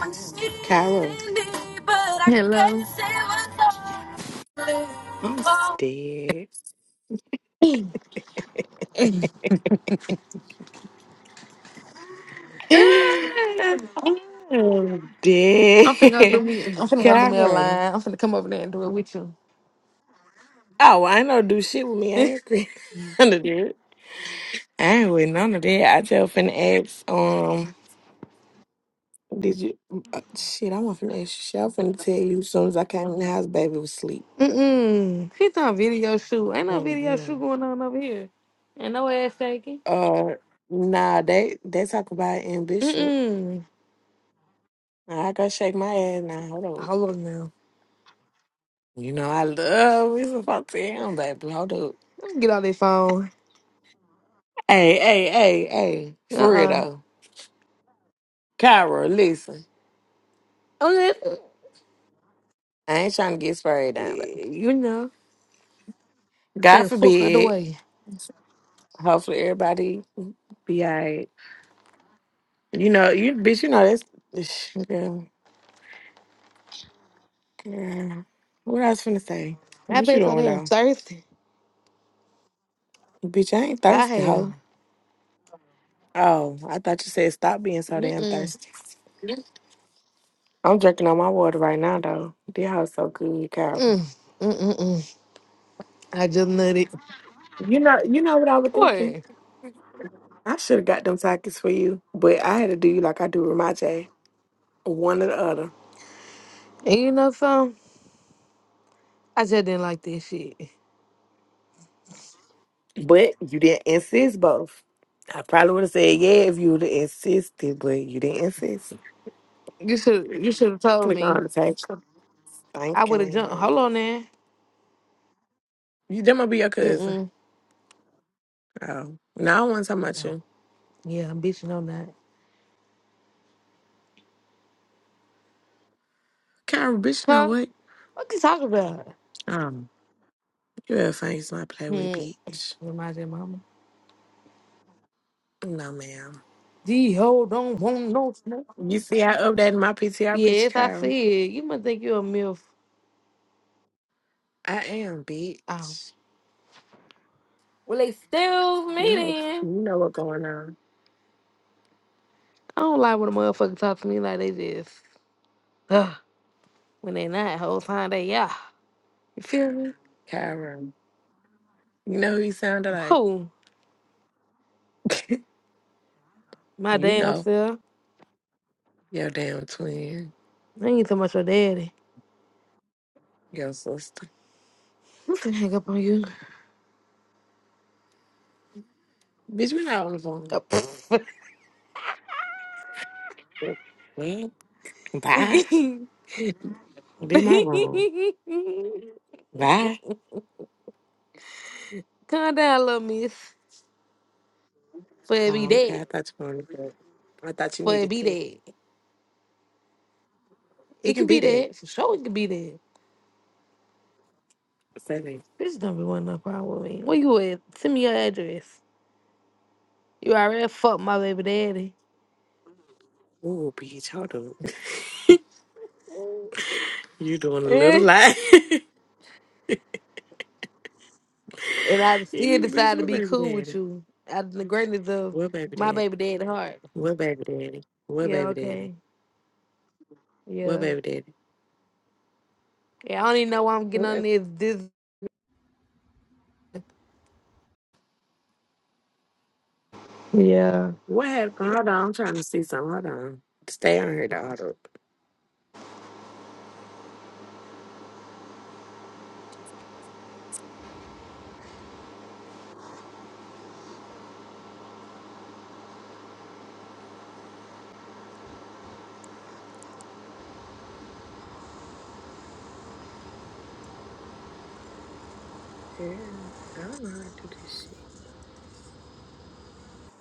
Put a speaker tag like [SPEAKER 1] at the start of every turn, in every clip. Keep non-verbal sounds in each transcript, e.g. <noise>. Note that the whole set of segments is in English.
[SPEAKER 1] Needed
[SPEAKER 2] Carol,
[SPEAKER 1] me, but I
[SPEAKER 3] Hello.
[SPEAKER 1] guess it was only
[SPEAKER 2] I'm
[SPEAKER 1] for
[SPEAKER 2] dead.
[SPEAKER 3] <coughs> <laughs> I'm
[SPEAKER 2] <laughs> I'm
[SPEAKER 3] finna go do
[SPEAKER 2] dead.
[SPEAKER 3] me. I'm
[SPEAKER 2] <laughs>
[SPEAKER 3] finna go do me a
[SPEAKER 2] Carol.
[SPEAKER 3] line. I'm finna come over there and do it with you.
[SPEAKER 2] Oh, I ain't no do shit with me. I ain't agree. <laughs> none of that. I ain't with none of that. I tell finna ask, um, did you, uh, shit, I'm finna ask you shit. I'm finna tell you as soon as I came in the house, baby was asleep.
[SPEAKER 3] Mm-mm. She done video shoot. Ain't no video
[SPEAKER 2] hmm
[SPEAKER 3] shoot going on over here. Ain't no ass shaking.
[SPEAKER 2] Uh, nah, they, they talk about it in Bishop.
[SPEAKER 3] Mm-mm.
[SPEAKER 2] I gotta shake my ass now. Hold up.
[SPEAKER 3] Hold on now.
[SPEAKER 2] You know, I love me some fucking baby. Hold up.
[SPEAKER 3] Let me get out this phone.
[SPEAKER 2] Hey, hey, hey, hey, for real
[SPEAKER 3] Uh-uh.
[SPEAKER 2] though. Kyra, listen.
[SPEAKER 3] Oh, that-
[SPEAKER 2] I ain't trying to get sprayed down, baby.
[SPEAKER 3] You know. Stay
[SPEAKER 2] God
[SPEAKER 3] the fuck out the
[SPEAKER 2] forbid.
[SPEAKER 3] way.
[SPEAKER 2] Hopefully everybody be alright. You know, you bitch, you know that's <sighs> sh- girl, girl. What I was finna say.
[SPEAKER 3] i
[SPEAKER 2] What you
[SPEAKER 3] been so
[SPEAKER 2] doing
[SPEAKER 3] damn
[SPEAKER 2] though?
[SPEAKER 3] thirsty.
[SPEAKER 2] Bitch, I ain't
[SPEAKER 3] I
[SPEAKER 2] thirsty,
[SPEAKER 3] have.
[SPEAKER 2] hoe. Oh, I thought you said stop being so damn
[SPEAKER 3] Mm-mm.
[SPEAKER 2] thirsty. I'm drinking on my water right now though. This house so good, Calvin.
[SPEAKER 3] Mm. Mm-mm-mm. I just nutted.
[SPEAKER 2] You know, you know what I was
[SPEAKER 3] What?
[SPEAKER 2] thinking.
[SPEAKER 3] And
[SPEAKER 2] I should have got them tickets for you, but I had to do you like I do with my J's. One or the other.
[SPEAKER 3] you know something? I just didn't like this shit.
[SPEAKER 2] But you didn't insist both. I probably would have said yeah if you would have insisted, but you didn't insist.
[SPEAKER 3] You should you should have told
[SPEAKER 2] Click
[SPEAKER 3] me.
[SPEAKER 2] on the table. Thank
[SPEAKER 3] I would have jumped.
[SPEAKER 2] you.
[SPEAKER 3] Hold on there.
[SPEAKER 2] You that might be your
[SPEAKER 3] Mm
[SPEAKER 2] cousin.
[SPEAKER 3] mm.
[SPEAKER 2] Oh. No, I don't want to talk about
[SPEAKER 3] Oh,
[SPEAKER 2] you.
[SPEAKER 3] yeah, I'm bitching on that.
[SPEAKER 2] Kyra, bitch, you know
[SPEAKER 3] Huh?
[SPEAKER 2] what?
[SPEAKER 3] What you talking about?
[SPEAKER 2] Um, you ever think it's not play with
[SPEAKER 3] Hmm.
[SPEAKER 2] bitch?
[SPEAKER 3] Reminds your mama.
[SPEAKER 2] No, ma'am.
[SPEAKER 3] D ho don't want no smoke.
[SPEAKER 2] You see I updated my PTR picture,
[SPEAKER 3] Yes, I
[SPEAKER 2] Kyra.
[SPEAKER 3] see it. You must think you're a MILF.
[SPEAKER 2] I am,
[SPEAKER 3] Oh.
[SPEAKER 2] bitch.
[SPEAKER 3] Well they still
[SPEAKER 2] You
[SPEAKER 3] me
[SPEAKER 2] know you
[SPEAKER 3] then.
[SPEAKER 2] know what's going on,
[SPEAKER 3] I don't like when a motherfucker talk to me like they just Ugh. when they not whole time they yeah. You feel me?
[SPEAKER 2] Kyra. You know who you sounded like?
[SPEAKER 3] Boom.
[SPEAKER 2] <laughs>
[SPEAKER 3] My
[SPEAKER 2] you
[SPEAKER 3] damn
[SPEAKER 2] know.
[SPEAKER 3] self.
[SPEAKER 2] Your damn twin.
[SPEAKER 3] I ain't so much your daddy.
[SPEAKER 2] Yo, sister.
[SPEAKER 3] I'm finna hang up on you.
[SPEAKER 2] Bitch, we not on the phone.
[SPEAKER 3] The pff.
[SPEAKER 2] Well, bye. i in my room.
[SPEAKER 3] <laughs>
[SPEAKER 2] Bye.
[SPEAKER 3] Calm down, little miss. For it be
[SPEAKER 2] Oh, okay.
[SPEAKER 3] that.
[SPEAKER 2] I thought you wanted that. I thought you
[SPEAKER 3] For it
[SPEAKER 2] needed
[SPEAKER 3] be
[SPEAKER 2] that.
[SPEAKER 3] that.
[SPEAKER 2] It
[SPEAKER 3] It can
[SPEAKER 2] can be
[SPEAKER 3] be
[SPEAKER 2] that.
[SPEAKER 3] that. For sure, it can be that.
[SPEAKER 2] Seven.
[SPEAKER 3] Bitch, don't be wanting no problem with me. Where you at? Send me your address. You already fucked my baby daddy. <laughs>
[SPEAKER 2] Ooh, bitch, hold up. <laughs> you doing a little
[SPEAKER 3] Eh.
[SPEAKER 2] lie. <laughs>
[SPEAKER 3] and I still
[SPEAKER 2] you bitch,
[SPEAKER 3] decide to
[SPEAKER 2] what
[SPEAKER 3] be
[SPEAKER 2] baby
[SPEAKER 3] cool with
[SPEAKER 2] daddy?
[SPEAKER 3] you. Out of the greatness of
[SPEAKER 2] What baby
[SPEAKER 3] my
[SPEAKER 2] daddy?
[SPEAKER 3] baby daddy heart.
[SPEAKER 2] What baby daddy? What
[SPEAKER 3] Yeah,
[SPEAKER 2] baby daddy?
[SPEAKER 3] okay.
[SPEAKER 2] What
[SPEAKER 3] Yeah.
[SPEAKER 2] baby daddy?
[SPEAKER 3] Yeah, I don't even know why I'm getting
[SPEAKER 2] What
[SPEAKER 3] on
[SPEAKER 2] baby
[SPEAKER 3] this. This. Yeah.
[SPEAKER 2] What happened? Hold on, I'm trying to see something. Hold on. Stay on here, dog. Yeah, I don't know how to do this shit.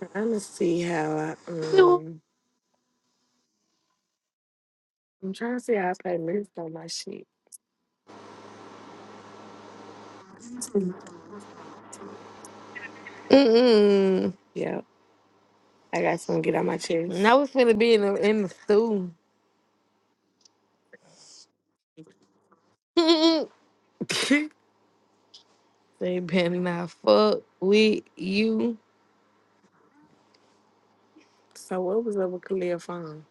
[SPEAKER 2] I'm trying to see how I um I'm trying to see how I play minutes on my sheet.
[SPEAKER 3] Mm-mm.
[SPEAKER 2] Yep. I got something to get on my chest.
[SPEAKER 3] Now we finna be in the in the stew. <laughs>
[SPEAKER 2] <laughs>
[SPEAKER 3] they better not fuck with you.
[SPEAKER 2] so what was up with Khalil phone?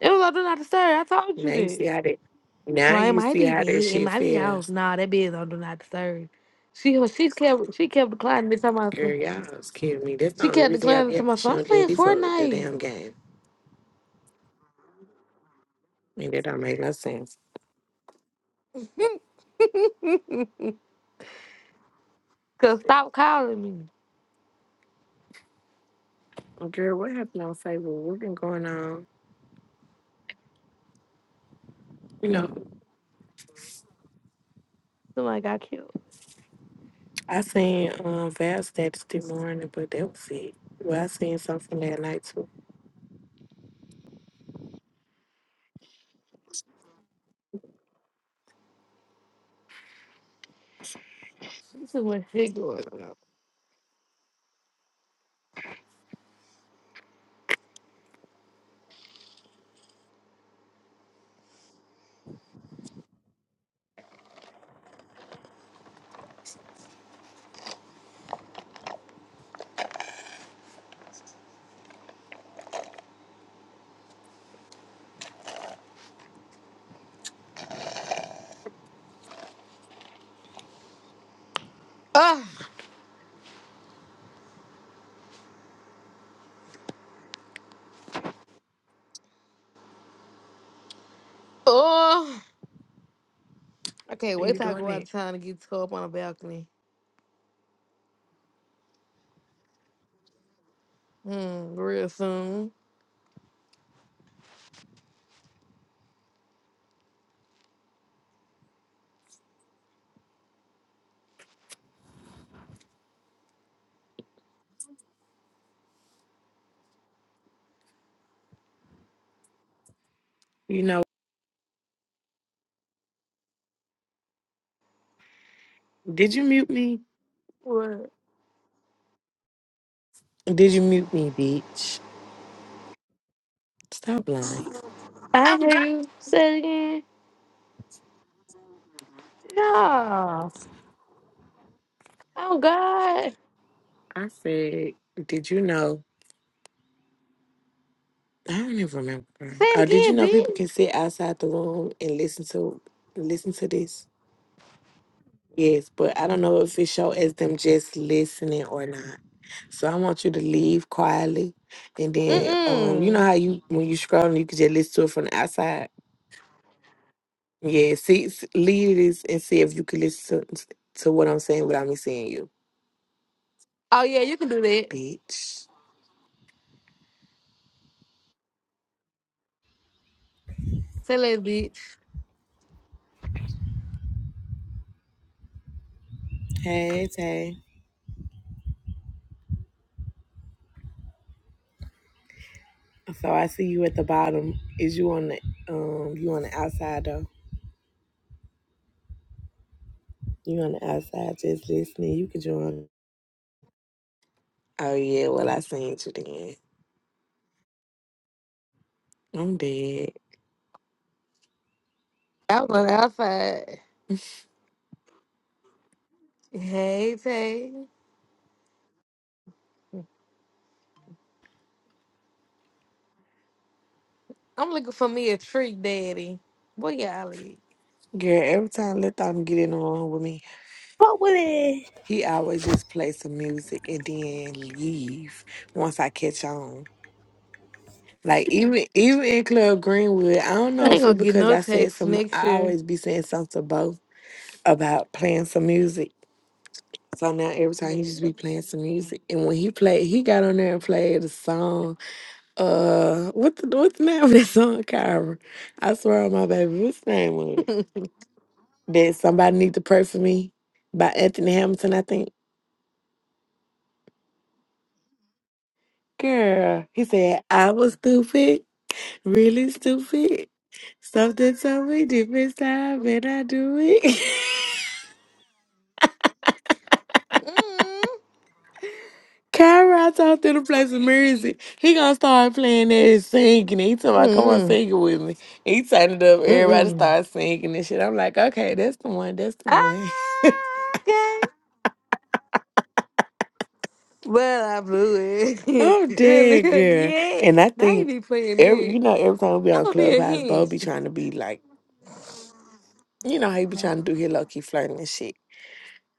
[SPEAKER 3] It was on do not disturb. I told you
[SPEAKER 2] Now you see
[SPEAKER 3] that.
[SPEAKER 2] how that now
[SPEAKER 3] So it
[SPEAKER 2] you
[SPEAKER 3] might
[SPEAKER 2] see
[SPEAKER 3] be
[SPEAKER 2] how
[SPEAKER 3] dead.
[SPEAKER 2] that
[SPEAKER 3] It
[SPEAKER 2] shit
[SPEAKER 3] might be off.
[SPEAKER 2] feels.
[SPEAKER 3] Nah, that bitch on do not disturb. She she kept she kept declining to my
[SPEAKER 2] Girl, y'all was kidding me. That's the
[SPEAKER 3] she
[SPEAKER 2] only
[SPEAKER 3] kept
[SPEAKER 2] reason y'all
[SPEAKER 3] declining
[SPEAKER 2] be
[SPEAKER 3] to
[SPEAKER 2] having
[SPEAKER 3] my
[SPEAKER 2] to
[SPEAKER 3] son.
[SPEAKER 2] show
[SPEAKER 3] I'm
[SPEAKER 2] D and
[SPEAKER 3] playing
[SPEAKER 2] D for the damn
[SPEAKER 3] Fortnite.
[SPEAKER 2] game. And that don't make no sense.
[SPEAKER 3] <laughs> Cause stop calling me.
[SPEAKER 2] Girl, what happened on Facebook? What been going on? You know,
[SPEAKER 3] Somebody got killed.
[SPEAKER 2] I seen um Val's status this morning, but that was it. Well, I seen something that night too.
[SPEAKER 3] Too much shit going on. Ah, oh, I can't
[SPEAKER 2] Why
[SPEAKER 3] wait
[SPEAKER 2] you
[SPEAKER 3] till I
[SPEAKER 2] doing
[SPEAKER 3] go out
[SPEAKER 2] that?
[SPEAKER 3] of town and get to go up on a balcony. Hmm, real soon.
[SPEAKER 2] You know, did you mute me?
[SPEAKER 3] What?
[SPEAKER 2] Did you mute me, bitch? Stop lying.
[SPEAKER 3] I
[SPEAKER 2] I
[SPEAKER 3] ain't
[SPEAKER 2] am
[SPEAKER 3] hear you say it again. No. Oh God.
[SPEAKER 2] I said, did you know? I don't even
[SPEAKER 3] Say
[SPEAKER 2] remember.
[SPEAKER 3] it
[SPEAKER 2] Uh, did you know
[SPEAKER 3] again,
[SPEAKER 2] people
[SPEAKER 3] bitch.
[SPEAKER 2] can sit outside the room and listen to listen to this? Yes, but I don't know if it show as them just listening or not. So I want you to leave quietly, and
[SPEAKER 3] Mm
[SPEAKER 2] then um, you know
[SPEAKER 3] mm.
[SPEAKER 2] how you when you scroll, you can just listen to it from the outside. Yeah, see, s- leave this and see if you can listen to, to what I'm saying without me seeing you,
[SPEAKER 3] Oh yeah, you can do that.
[SPEAKER 2] bitch.
[SPEAKER 3] Say that, bitch.
[SPEAKER 2] Hey, Tay. So I see you at the bottom. Is you on the um you on the outside though? You on the outside just listening. You can join. Oh yeah, well I seen you then. I'm dead.
[SPEAKER 3] I was on the outside. Hey Tay. I'm looking for me a treat, daddy. Boy, y'all at?
[SPEAKER 2] Girl, every time let them get in the room with me,
[SPEAKER 3] Fuck with it.
[SPEAKER 2] he always just play some music and then leave once I catch on. Like even even in Club Greenwood, I don't know
[SPEAKER 3] I ain't
[SPEAKER 2] if
[SPEAKER 3] gonna
[SPEAKER 2] it
[SPEAKER 3] get
[SPEAKER 2] because
[SPEAKER 3] no
[SPEAKER 2] I said
[SPEAKER 3] text
[SPEAKER 2] some
[SPEAKER 3] next
[SPEAKER 2] I
[SPEAKER 3] year.
[SPEAKER 2] always be saying something to both about playing some music So now every time he just be playing some music, and when he played, he got on there and played a song. Uh, what the what's the name of that song, Kyra? I swear on my baby, what's the name of it?
[SPEAKER 3] <laughs>
[SPEAKER 2] That somebody need to pray for me by Anthony Hamilton, I think. Girl, he said I was stupid, really stupid. Something told me different time, and I do it. <laughs>
[SPEAKER 3] Mm
[SPEAKER 2] Kyra out there to play some music. He gonna start playing that singing. He told me, come on
[SPEAKER 3] mm
[SPEAKER 2] sing it with me. He turned it up,
[SPEAKER 3] mm
[SPEAKER 2] everybody
[SPEAKER 3] mm.
[SPEAKER 2] started singing and shit. I'm like, okay, that's the one, that's the
[SPEAKER 3] Ah,
[SPEAKER 2] one.
[SPEAKER 3] okay. Well, I blew
[SPEAKER 2] <laughs>
[SPEAKER 3] it.
[SPEAKER 2] I'm
[SPEAKER 3] <laughs>
[SPEAKER 2] dead,
[SPEAKER 3] really?
[SPEAKER 2] girl.
[SPEAKER 3] Yeah.
[SPEAKER 2] And I
[SPEAKER 3] Now you
[SPEAKER 2] think
[SPEAKER 3] be playing
[SPEAKER 2] every
[SPEAKER 3] me.
[SPEAKER 2] you know, every time we be
[SPEAKER 3] That
[SPEAKER 2] on
[SPEAKER 3] gonna be a
[SPEAKER 2] Clubhouse, Bo
[SPEAKER 3] hint.
[SPEAKER 2] be trying to be like, you know, how he be
[SPEAKER 3] Blame
[SPEAKER 2] trying to do his low key flirting and shit.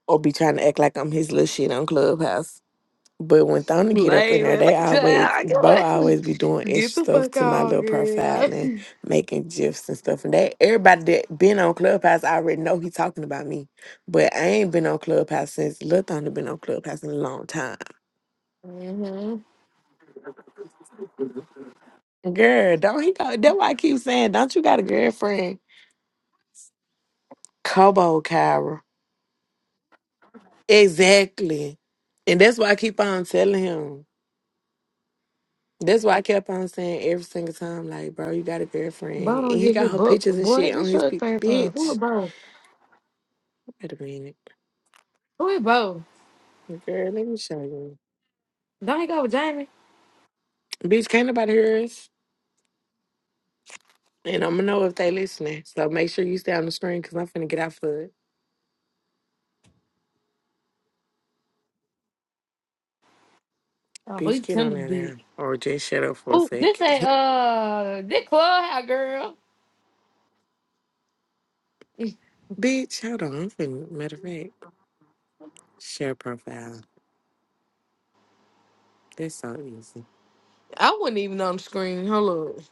[SPEAKER 2] Or be trying to act like I'm his little shit on Clubhouse. But when Thona get up in there,
[SPEAKER 3] it.
[SPEAKER 2] they
[SPEAKER 3] Look
[SPEAKER 2] always Bo
[SPEAKER 3] at you.
[SPEAKER 2] always be doing
[SPEAKER 3] <laughs>
[SPEAKER 2] extra
[SPEAKER 3] Get the
[SPEAKER 2] stuff
[SPEAKER 3] fuck
[SPEAKER 2] to my
[SPEAKER 3] out,
[SPEAKER 2] little profile
[SPEAKER 3] girl.
[SPEAKER 2] and making gifs and stuff. And they, everybody that been on Clubhouse already know he talking about me. But I ain't been on Clubhouse since Lil Thona been on Clubhouse in a long time.
[SPEAKER 3] Mm-hmm.
[SPEAKER 2] Girl, don't he go that's why I keep saying, don't you got a girlfriend? Kobo Kyra. Exactly. And that's why I keep on telling him. That's why I kept on saying every single time, like, bro, you got a girlfriend.
[SPEAKER 3] Bo don't
[SPEAKER 2] And he
[SPEAKER 3] get
[SPEAKER 2] got
[SPEAKER 3] his
[SPEAKER 2] her
[SPEAKER 3] book.
[SPEAKER 2] pictures and
[SPEAKER 3] Boy,
[SPEAKER 2] shit on
[SPEAKER 3] get
[SPEAKER 2] his
[SPEAKER 3] your
[SPEAKER 2] pic-
[SPEAKER 3] pants on. Who
[SPEAKER 2] bitch.
[SPEAKER 3] is Bo?
[SPEAKER 2] Wait a minute.
[SPEAKER 3] Who is Bo?
[SPEAKER 2] Girl, let me show you.
[SPEAKER 3] Don't he go with Jamie?
[SPEAKER 2] Bitch, can't nobody hear us. And I'm gonna know if they listening. So make sure you stay on the screen because I'm finna get off of it.
[SPEAKER 3] Oh, he
[SPEAKER 2] Bitch, get
[SPEAKER 3] come
[SPEAKER 2] on
[SPEAKER 3] to
[SPEAKER 2] there
[SPEAKER 3] dick.
[SPEAKER 2] now. Or just shut up for a
[SPEAKER 3] Oh, this ain't,
[SPEAKER 2] second.
[SPEAKER 3] uh, this clubhouse, girl.
[SPEAKER 2] <laughs> Bitch, hold on. I'm finna, matter of fact, share profile. That's so easy.
[SPEAKER 3] I wasn't even on the screen. Hold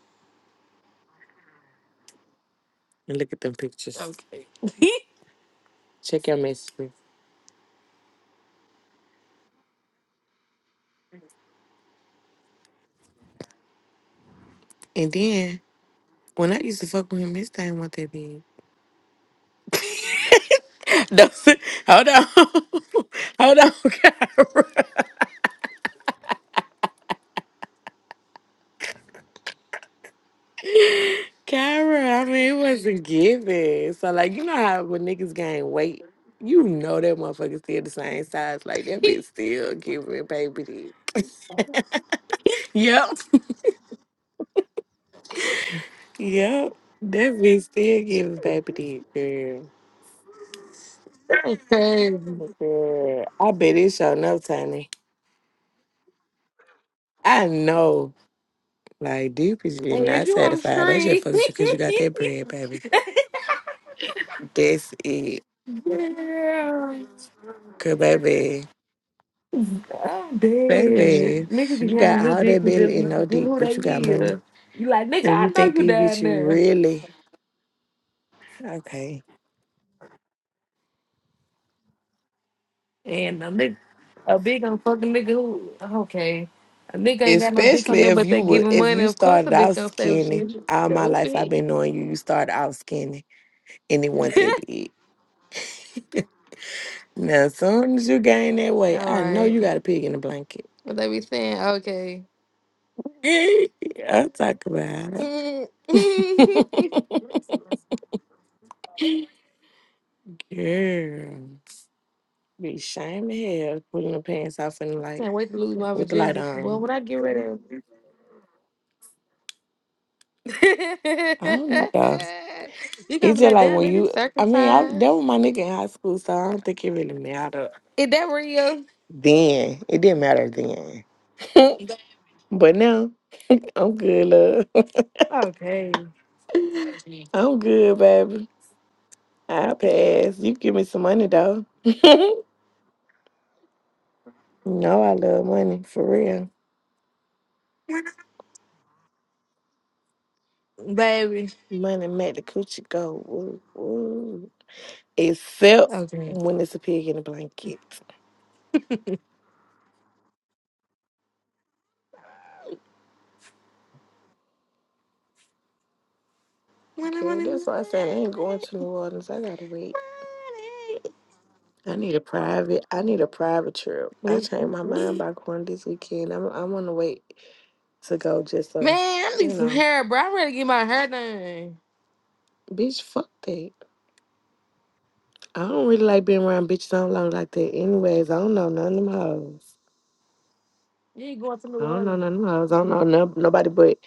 [SPEAKER 2] And look at them pictures.
[SPEAKER 3] on. Okay. <laughs>
[SPEAKER 2] Check your messages. And then, when I used to fuck with him, his thing wasn't that big. <laughs> Don't say- hold on. <laughs> hold on, <laughs> Kyra. Kyra, I mean, it wasn't given. So, like, you know how when niggas gain weight, you know that motherfucker still the same size. Like, that bitch still giving baby dick. Yep. Yep. That bitch still giving baby dick, girl.
[SPEAKER 3] That's crazy.
[SPEAKER 2] Girl, I bet it show no tiny. I know. Like, deep is being
[SPEAKER 3] Hey,
[SPEAKER 2] not
[SPEAKER 3] you on the
[SPEAKER 2] satisfied. That just
[SPEAKER 3] screen? <laughs>
[SPEAKER 2] fucks you because you got that bread, baby. That's it.
[SPEAKER 3] yeah.
[SPEAKER 2] Cause, baby,
[SPEAKER 3] I'm dead.
[SPEAKER 2] baby,
[SPEAKER 3] Niggas be
[SPEAKER 2] you
[SPEAKER 3] having
[SPEAKER 2] got
[SPEAKER 3] little
[SPEAKER 2] all that
[SPEAKER 3] dick and just
[SPEAKER 2] belly
[SPEAKER 3] be
[SPEAKER 2] and no
[SPEAKER 3] forgetting
[SPEAKER 2] dick,
[SPEAKER 3] who they
[SPEAKER 2] but you got money.
[SPEAKER 3] is. You like, nigga,
[SPEAKER 2] And
[SPEAKER 3] I
[SPEAKER 2] you
[SPEAKER 3] know
[SPEAKER 2] think
[SPEAKER 3] you
[SPEAKER 2] these
[SPEAKER 3] down
[SPEAKER 2] bitches
[SPEAKER 3] there.
[SPEAKER 2] really? Okay.
[SPEAKER 3] And a nigga, a big on fucking nigga who, okay. A nigga ain't got no dick on
[SPEAKER 2] Especially
[SPEAKER 3] them,
[SPEAKER 2] if
[SPEAKER 3] but they
[SPEAKER 2] you would
[SPEAKER 3] giving
[SPEAKER 2] if
[SPEAKER 3] money.
[SPEAKER 2] you
[SPEAKER 3] Of course a
[SPEAKER 2] started
[SPEAKER 3] bitch
[SPEAKER 2] out
[SPEAKER 3] gonna stay with
[SPEAKER 2] skinny.
[SPEAKER 3] you.
[SPEAKER 2] All my life I've
[SPEAKER 3] Stupid.
[SPEAKER 2] been knowing you, you started out skinny and it wasn't
[SPEAKER 3] <laughs>
[SPEAKER 2] that big. Now as soon as you gain that weight,
[SPEAKER 3] All
[SPEAKER 2] I know you
[SPEAKER 3] right.
[SPEAKER 2] got a pig in the blanket.
[SPEAKER 3] What they be saying? Okay.
[SPEAKER 2] <laughs> I talk
[SPEAKER 3] <laughs>
[SPEAKER 2] about
[SPEAKER 3] I
[SPEAKER 2] it. Girl. Be shame to hell pulling the pants off and like
[SPEAKER 3] can't wait to lose my
[SPEAKER 2] with the light
[SPEAKER 3] virginity. Boy,
[SPEAKER 2] on.
[SPEAKER 3] when I get rid of <laughs> you
[SPEAKER 2] I don't know though.
[SPEAKER 3] gonna
[SPEAKER 2] It's
[SPEAKER 3] be
[SPEAKER 2] just
[SPEAKER 3] like,
[SPEAKER 2] like
[SPEAKER 3] damn,
[SPEAKER 2] when
[SPEAKER 3] is it is
[SPEAKER 2] you I mean I
[SPEAKER 3] circumcised.
[SPEAKER 2] that was my nigga in high school, so I don't think it really mattered
[SPEAKER 3] Is that real?
[SPEAKER 2] Then it didn't matter then. <laughs> But now I'm good, love.
[SPEAKER 3] Okay,
[SPEAKER 2] <laughs> I'm good, baby. I pass. You give me some money though. <laughs> no, I love money for real.
[SPEAKER 3] baby.
[SPEAKER 2] Money make the coochie go woo woo. Except
[SPEAKER 3] Okay.
[SPEAKER 2] when it's a pig in a blanket.
[SPEAKER 3] When I
[SPEAKER 2] Okay,
[SPEAKER 3] wanna <laughs>
[SPEAKER 2] that's why I said I ain't going to New Orleans. I gotta wait. I need a private. I need a private trip. I
[SPEAKER 3] money,
[SPEAKER 2] changed my mind
[SPEAKER 3] money.
[SPEAKER 2] by going this weekend. I'm. I want to wait to go just
[SPEAKER 3] Man,
[SPEAKER 2] so
[SPEAKER 3] I need
[SPEAKER 2] you
[SPEAKER 3] some
[SPEAKER 2] know.
[SPEAKER 3] hair, bro. I'm ready to get my hair done.
[SPEAKER 2] Bitch, fuck that. I don't really like being around bitches I long like like that. Anyways, I don't know none of them hoes.
[SPEAKER 3] You ain't going to
[SPEAKER 2] I
[SPEAKER 3] New
[SPEAKER 2] don't know
[SPEAKER 3] Orleans.
[SPEAKER 2] none of them hoes. I don't know no, nobody but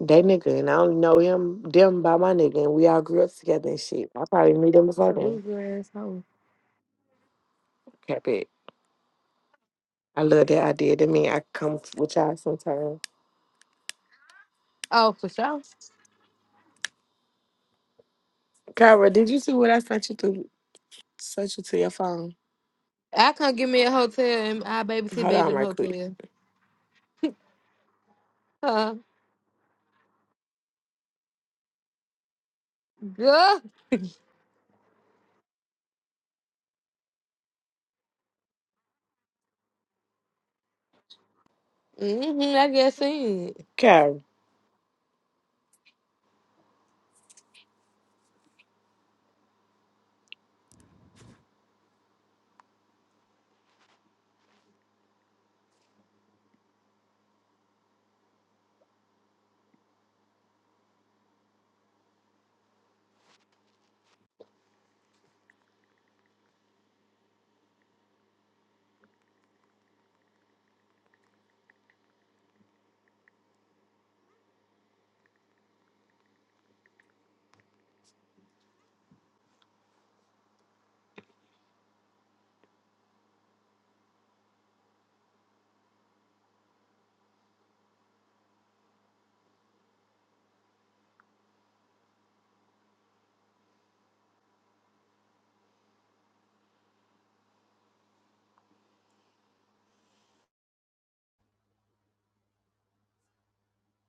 [SPEAKER 2] that nigga, and I only know him them by my nigga, and we all grew up together and shit. I probably knew them
[SPEAKER 3] You're
[SPEAKER 2] before
[SPEAKER 3] a
[SPEAKER 2] then.
[SPEAKER 3] loser asshole.
[SPEAKER 2] Cap it. I love that idea. That mean I come with y'all sometime.
[SPEAKER 3] Oh, for sure.
[SPEAKER 2] Kyra, did you see what I sent you to? Sent you to your phone.
[SPEAKER 3] I come get me a hotel and I babysit
[SPEAKER 2] Hold
[SPEAKER 3] baby
[SPEAKER 2] on,
[SPEAKER 3] in the
[SPEAKER 2] right quick.
[SPEAKER 3] hotel. Huh? Good. Mm-hmm, I guess so.
[SPEAKER 2] Kyra.